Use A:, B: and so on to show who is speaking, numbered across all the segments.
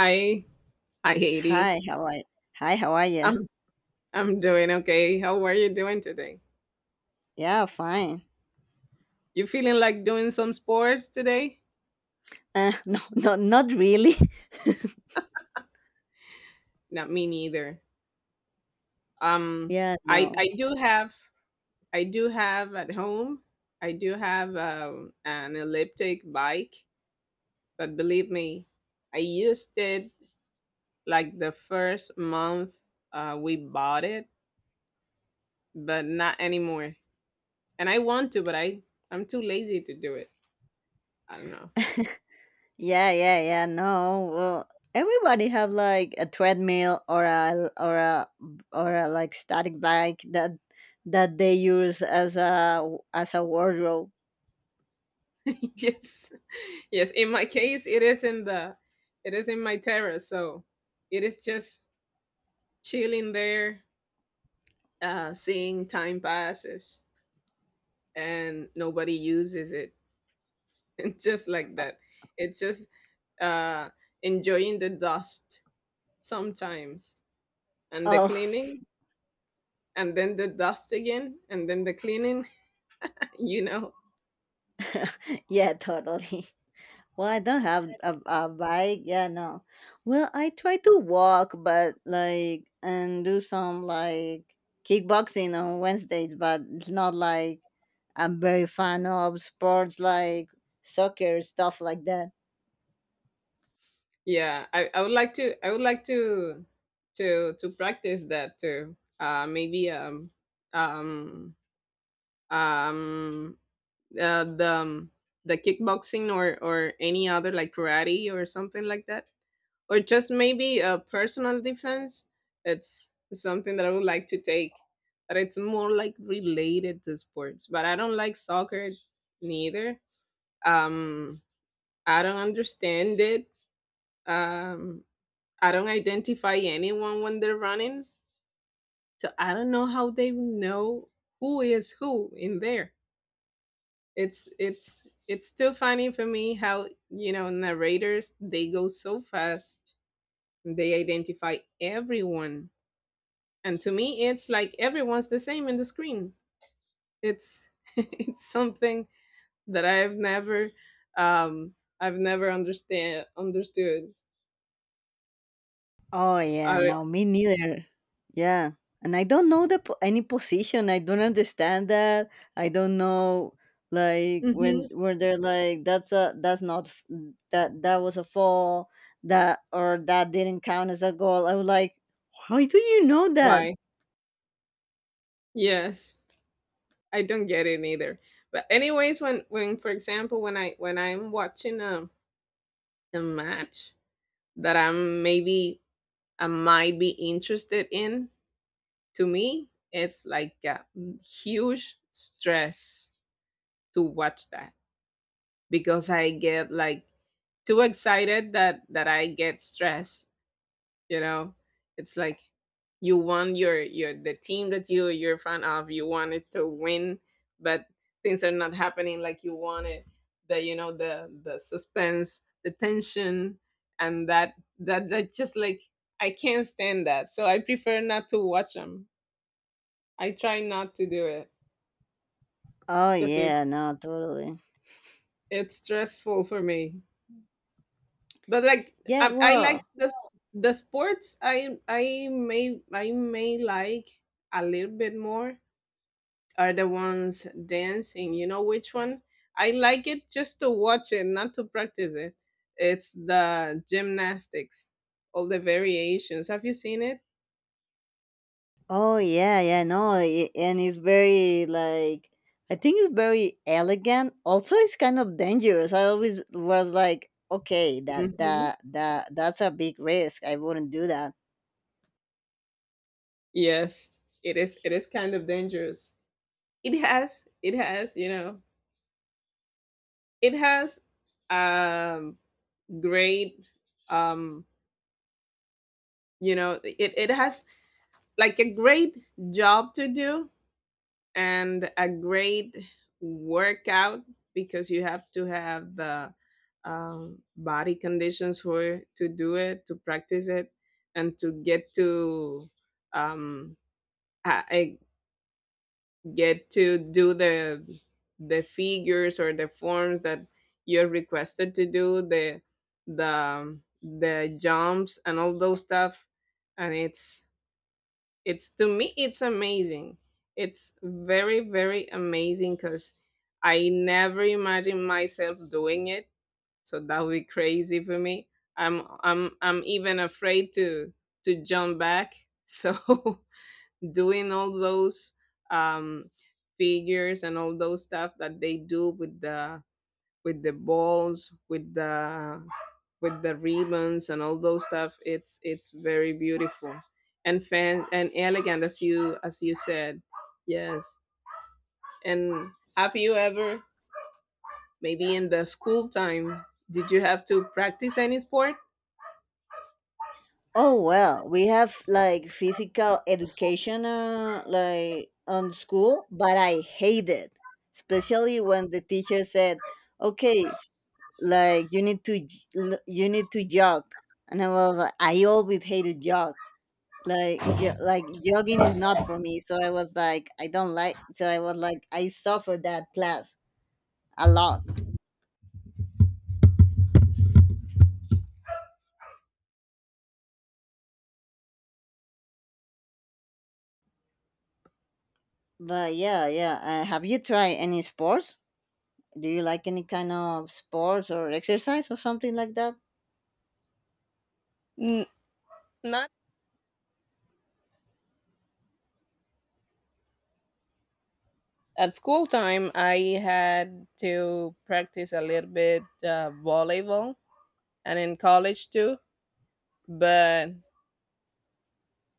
A: Hi, hi Haiti.
B: Hi, how are Hi, how are you?
A: I'm I'm doing okay. How are you doing today?
B: Yeah, fine.
A: You feeling like doing some sports today?
B: No, no, not really.
A: Not me neither. Um,
B: Yeah, no.
A: I do have at home. I do have an elliptic bike, but believe me, I used it like the first month we bought it, but not anymore. And I want to, but I'm too lazy to do it. I don't know.
B: Yeah, yeah, yeah, no. Well, everybody have like a treadmill or a like static bike that they use as a wardrobe.
A: Yes. Yes. In my case, it is in my terrace, so it is just chilling there, seeing time passes, and nobody uses it, and just like that, it's just uh, enjoying the dust sometimes, and the
B: Oh,
A: cleaning, and then the dust again and then the cleaning. you know
B: yeah, totally. Well, I don't have a bike. Yeah, no. Well, I try to walk, but like, and do some like kickboxing on Wednesdays, but it's not like I'm very fan of sports like soccer, stuff like that.
A: yeah, I would like to to practice that too, maybe um um uh, the um, the kickboxing or any other like karate or something like that, or just maybe a personal defense. It's something that I would like to take, but it's more like related to sports. But I don't like soccer neither. Um, I don't understand it. Um, I don't identify anyone when they're running, so I don't know how they know who is who in there. It's still funny for me how, you know, narrators, they go so fast. They identify everyone, and to me, it's like everyone's the same in the screen. It's it's something that um I've never understand understood.
B: Oh yeah,
A: I,
B: no, me neither. Yeah, and I don't know any position. I don't understand that. I don't know, like,
A: mhm.
B: when they're like that was a fall, that didn't count as a goal. I was like, how do you know that?
A: Why? Yes. I don't get it either. But anyways, when for example, when I'm watching a match that I'm maybe I might be interested in, to me, it's like a huge stress to watch that because I get like too excited that I get stressed. You know, it's like you want your the team that you're a fan of. You want it to win, but things are not happening like you wanted. The, you know, the suspense, the tension, and that that just like I can't stand that. So I prefer not to watch them. I try not to do it
B: Oh
A: because
B: yeah, no, totally.
A: it's stressful for me. But like
B: Yeah,
A: I like
B: well,
A: the sports I I may like a little bit more, are the ones dancing. You know which one? I like it just to watch it, not to practice it. It's the gymnastics, all the variations. Have you seen it?
B: oh yeah, yeah, no, and it's very like, I think it's very elegant. Also, it's kind of dangerous. I always was like, okay, that
A: Hmm.
B: that that that's a big risk. I wouldn't do that.
A: Yes, it is. It is kind of dangerous. It has. It has. You know. It has. Um. Great. Um. You know. It has like a great job to do and a great workout, because you have to have the body conditions for to do it, to practice it, and to get to um, I get to do the figures or the forms that you're requested to do, the jumps and all those stuff. And it's to me it's amazing. It's very very amazing, because I never imagined myself doing it, so that would be crazy for me. I'm even afraid to jump back, so doing all those um figures and all those stuff that they do with the balls, with the ribbons and all those stuff. It's very beautiful and fan and elegant, as you said. Yes. And have you ever maybe in the school time did you have to practice any sport?
B: Oh well, we have like physical education, like on school, but I hate it, especially when the teacher said, okay, like you need to you need to jog, and I was like, I always hated jogging is not for me. So I was like, I don't like, so I was like, I suffered that class a lot. But yeah, yeah, have you tried any sports? Do you like any kind of sports or exercise or something like that?
A: N- Not at school time. I had to practice a little bit volleyball, and in college too. But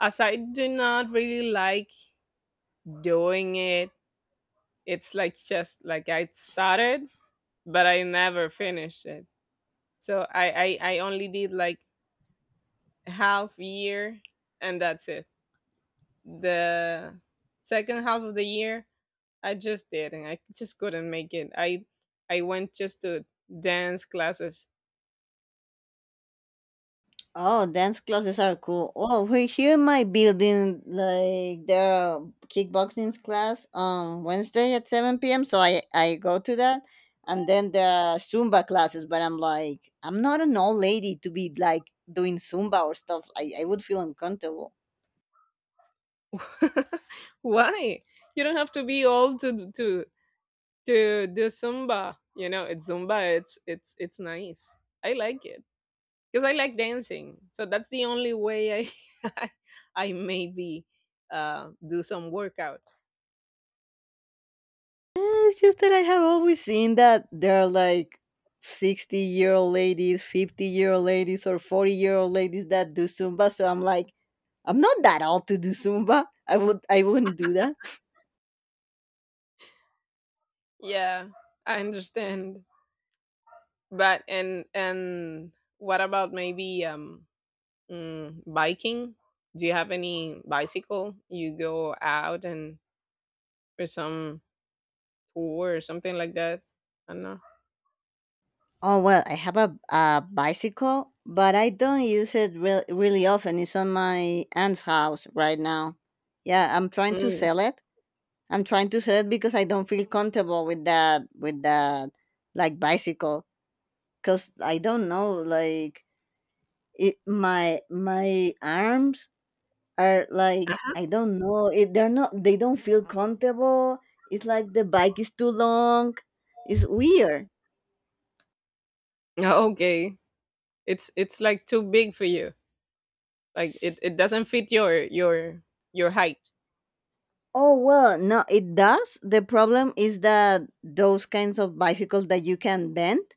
A: as I do not really like doing it, it's like just like I started, but I never finished it. So I only did like half year, and that's it. The second half of the year, I just didn't. I just couldn't make it. I went just to dance classes.
B: Oh, dance classes are cool. Oh, we're here in my building. Like there are kickboxing class on Wednesday at 7 p.m. So I go to that, and then there are Zumba classes. But I'm like, I'm not an old lady to be like doing Zumba or stuff. I would feel uncomfortable.
A: Why? You don't have to be old to do Zumba. You know, it's Zumba. It's nice. I like it, because I like dancing. So that's the only way I I maybe do some workout.
B: Eh, It's just that I have always seen that there are like 60-year old ladies, 50-year old ladies, or 40-year old ladies that do Zumba. So I'm like, I'm not that old to do Zumba. I wouldn't do that.
A: Yeah, I understand. But and what about maybe biking? Do you have any bicycle? You go out and for some tour or something like that? I don't know.
B: Oh well, I have a bicycle, but I don't use it really often. It's on my aunt's house right now. Yeah, I'm trying to
A: Mm.
B: sell it. I'm trying to sell it because I don't feel comfortable with that like bicycle, cuz I don't know, like it, my arms are like, I don't know. They're not. They don't feel comfortable. It's like the bike is too long. It's weird.
A: Okay, it's like too big for you. Like it doesn't fit your your height.
B: Oh well, no, it does. The problem is that those kinds of bicycles that you can bend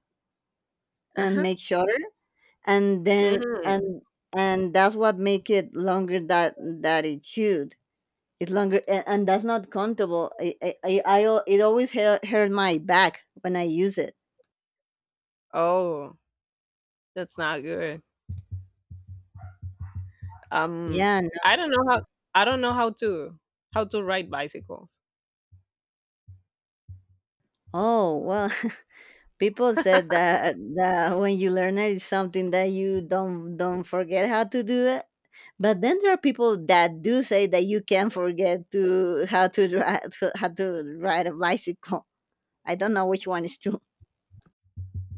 A: Uh
B: and
A: huh.
B: make shorter, and then
A: Mm.
B: and that's what make it longer that it should. It's longer, and that's not comfortable. It always hurt my back when I use it.
A: Oh, that's not good. Um,
B: Yeah. No.
A: I don't know how I don't know how to ride bicycles.
B: Oh well. People said that when you learn it, it's something that you don't forget how to do it. But then there are people that do say that you can forget to how to ride a bicycle. I don't know which one is true.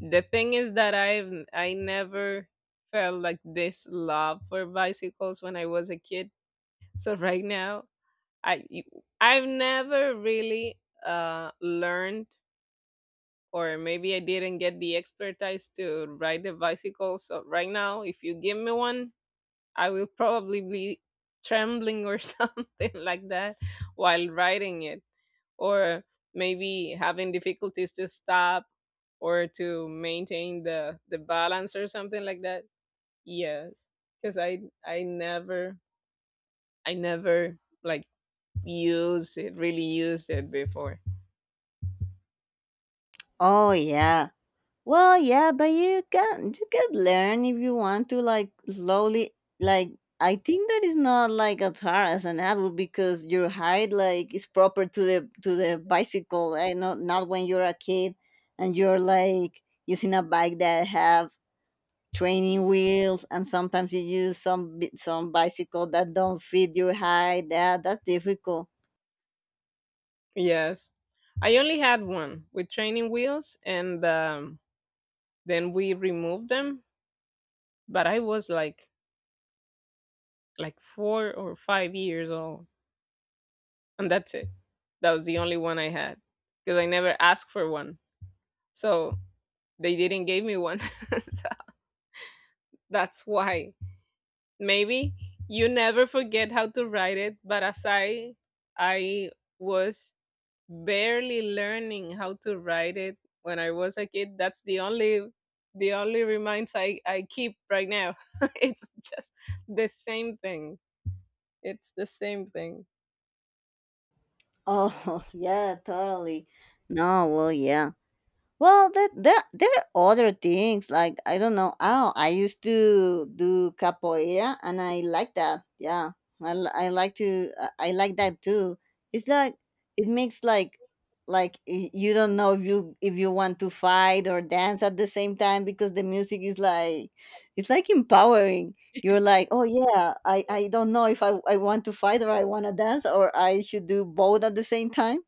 A: The thing is that I never felt like this love for bicycles when I was a kid. So right now, I I've never really learned, or maybe I didn't get the expertise to ride a bicycle. So right now, if you give me one, I will probably be trembling or something like that while riding it, or maybe having difficulties to stop or to maintain the balance or something like that. Yes, because I never I never like used it really used it before.
B: Oh yeah, well, yeah, but you can learn if you want to, like slowly. Like, I think that is not like as hard as an adult because your height like is proper to the bicycle, and not when you're a kid and you're like using a bike that have training wheels, and sometimes you use some bi- some bicycle that don't fit your height. Yeah, that's difficult.
A: Yes, I only had one with training wheels, and then we removed them. But I was like 4 or 5 years old, and that's it. That was the only one I had, because I never asked for one, so they didn't give me one. So that's why. Maybe you never forget how to write it, but as I was barely learning how to write it when I was a kid, that's the only reminds I keep right now. It's just the same thing. It's the same thing.
B: Oh yeah, totally. No, well yeah. Well, that there are other things, like, I don't know. Oh, I used to do capoeira, and I like that. Yeah, I, li- I like to I like that too. It's like it makes like you don't know if you want to fight or dance at the same time because the music is like, it's like empowering. You're like, oh yeah, I don't know if I want to fight or I want to dance or I should do both at the same time.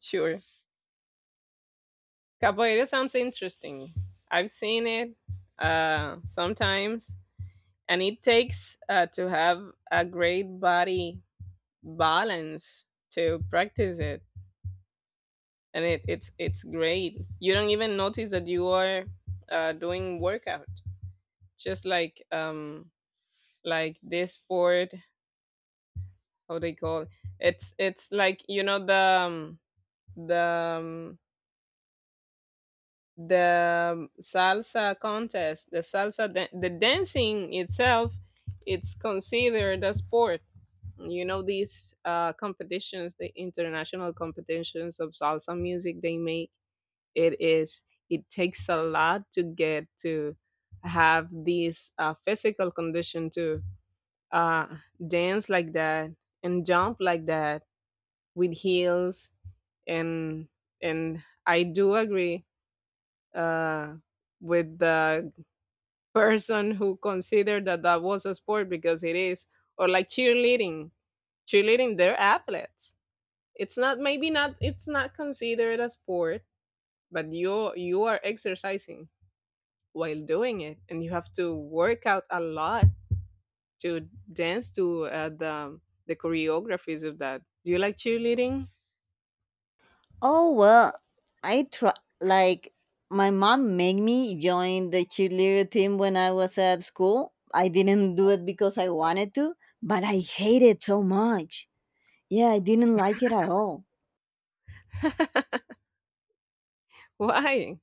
A: Sure. Capoeira sounds interesting. I've seen it sometimes, and it takes to have a great body balance to practice it. And it's great, you don't even notice that you are doing workout. Just like this sport, how they call, it's like, you know, the the um, salsa contest, the the dancing itself, it's considered a sport. You know these competitions, the international competitions of salsa music they make, it is, it takes a lot to get to have this physical condition to uh, dance like that and jump like that with heels. and and I do agree uh, with the person who considered that that was a sport, because it is. Or like cheerleading, cheerleading, they're athletes. It's not, maybe not, it's not considered a sport, but you are exercising while doing it, and you have to work out a lot to dance to the choreographies of that. Do you like cheerleading?
B: Oh well, I try, like, my mom made me join the cheerleader team when I was at school. I didn't do it because I wanted to, but I hated so much. Yeah, I didn't like it at all.
A: Why?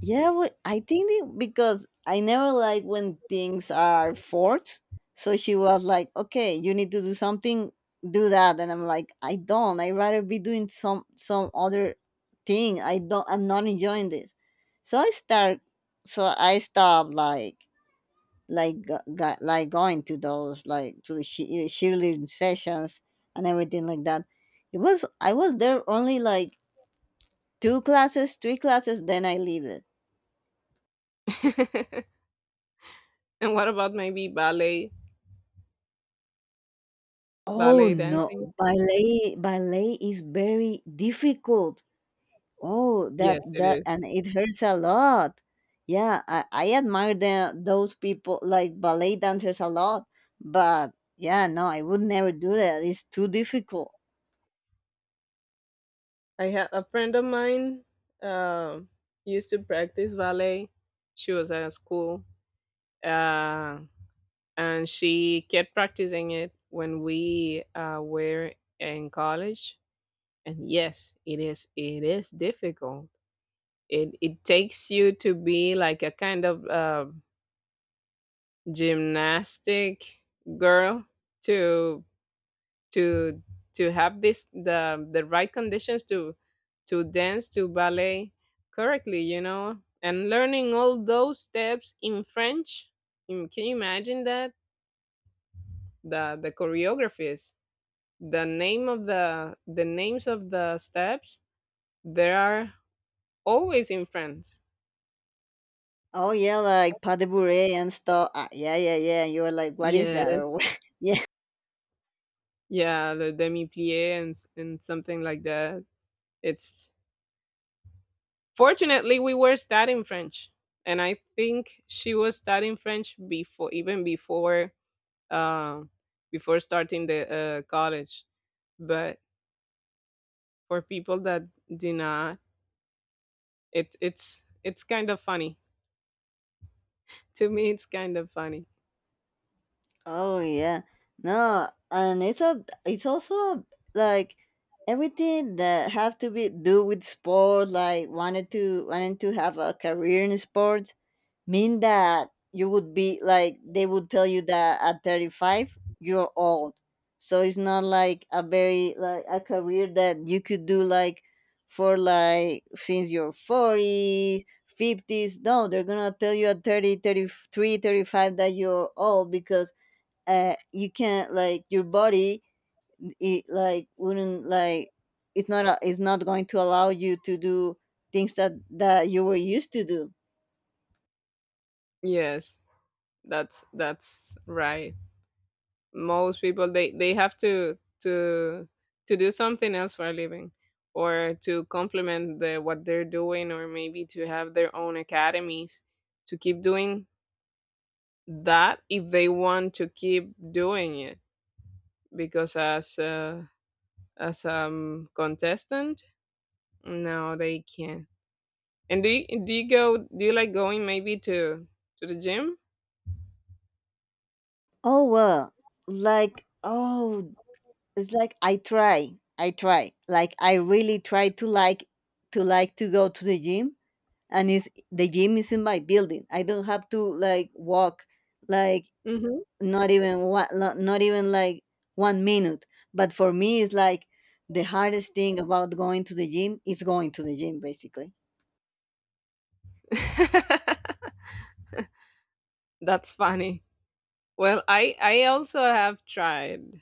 B: Yeah, well, I think because I never like when things are forced. So she was like, "Okay, you need to do something, do that," and I'm like, "I don't. I rather be doing some other thing. I don't. I'm not enjoying this." So I start. So I stopped, going to those, like, cheerleading sessions and everything like that. It was I was there only like two classes, three classes. Then I leave.
A: And what about maybe ballet,
B: Oh
A: ballet
B: no,
A: dancing?
B: ballet is very difficult. Oh, that
A: Yes, it
B: that
A: is.
B: and it hurts a lot. Yeah, I admire those people like ballet dancers a lot, but yeah, no, I would never do that. It's too difficult.
A: I had a friend of mine um used to practice ballet. She was at a school. Uh, and she kept practicing it when we were in college. And yes, it is, it is difficult. It takes you to be like a kind of gymnastic girl to to to have this the right conditions to dance to ballet correctly, you know, and learning all those steps in French. Mm, can you imagine that, the choreographies, the name of the names of the steps, they are always in French.
B: Oh yeah, like pas de bourrée and stuff. Ah, yeah, yeah, yeah. You're like, what is that?
A: Yes,
B: Or yeah.
A: yeah, le demi plié and and something like that. It's fortunately we were studying French, and I think she was studying French before, even before uh, before starting the college. But for people that do not, it it's kind of funny. To me it's kind of funny.
B: Oh yeah. No, and it's also like everything that have to be do with sport, like wanted to wanting to have a career in sports, mean that you would be like they would tell you that at 35 you're old. So it's not like a very, like, a career that you could do, like, for, like, since you're 40 fifties. No, they're gonna tell you at 30, 33, 35 that you're old because you can't, like, your body, it like wouldn't like, it's not going to allow you to do things that you were used to do.
A: Yes, that's right. Most people they have to do something else for a living, or to complement the what they're doing, or maybe to have their own academies to keep doing that, if they want to keep doing it. Because as contestant, no, they can't. And do you go? Do you like going maybe to the gym?
B: Oh well, like, oh, it's like I try, like, I really try to go to the gym, and is the gym is in my building. I don't have to like walk, like,
A: Hmm.
B: not even like 1 minute. But for me it's like the hardest thing about going to the gym is going to the gym, basically.
A: That's funny. Well, I also have tried,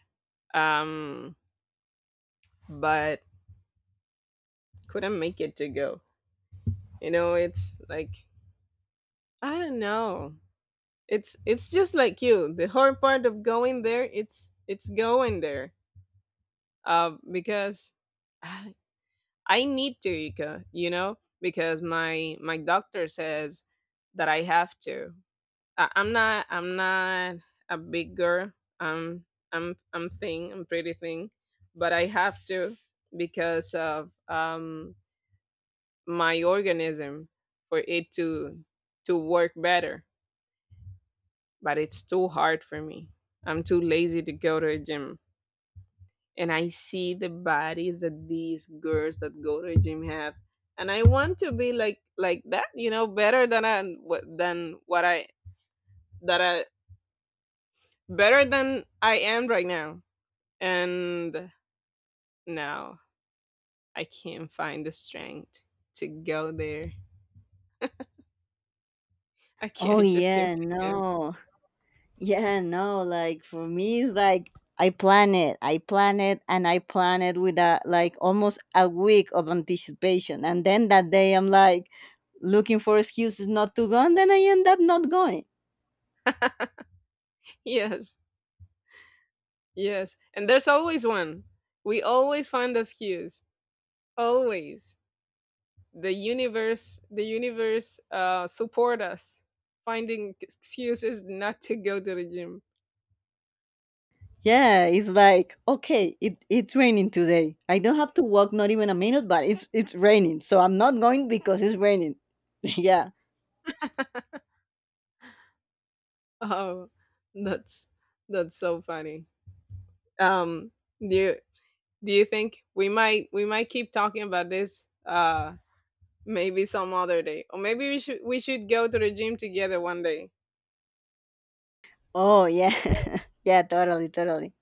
A: um, but couldn't make it to go. You know, it's like I don't know. It's just like you. The hard part of going there, it's going there. Because I I need to, Ika, you know, because my doctor says that I have to. I'm not a big girl. I'm I'm thin. I'm pretty thin, but I have to, because of my organism, for it to work better. But it's too hard for me. I'm too lazy to go to a gym. And I see the bodies that these girls that go to a gym have. And I want to be like that, you know, better than than what I that I better than I am right now. And now I can't find the strength to go there.
B: Oh
A: I just
B: yeah,
A: simply can't.
B: no, yeah, no, like, for me it's like I plan it, I plan it, and I plan it with, a like, almost a week of anticipation, and then that day I'm like looking for excuses not to go, and then I end up not going.
A: Yes. Yes. And there's always one. We always find excuse. Always. The universe support us finding excuses not to go to the gym.
B: Yeah, it's like, okay, it's raining today. I don't have to walk not even a minute, but it's raining, so I'm not going because it's raining. yeah.
A: Oh, that's that's so funny. um do you think we might keep talking about this maybe some other day, or maybe we should go to the gym together one day?
B: Oh yeah, yeah. Totally, totally.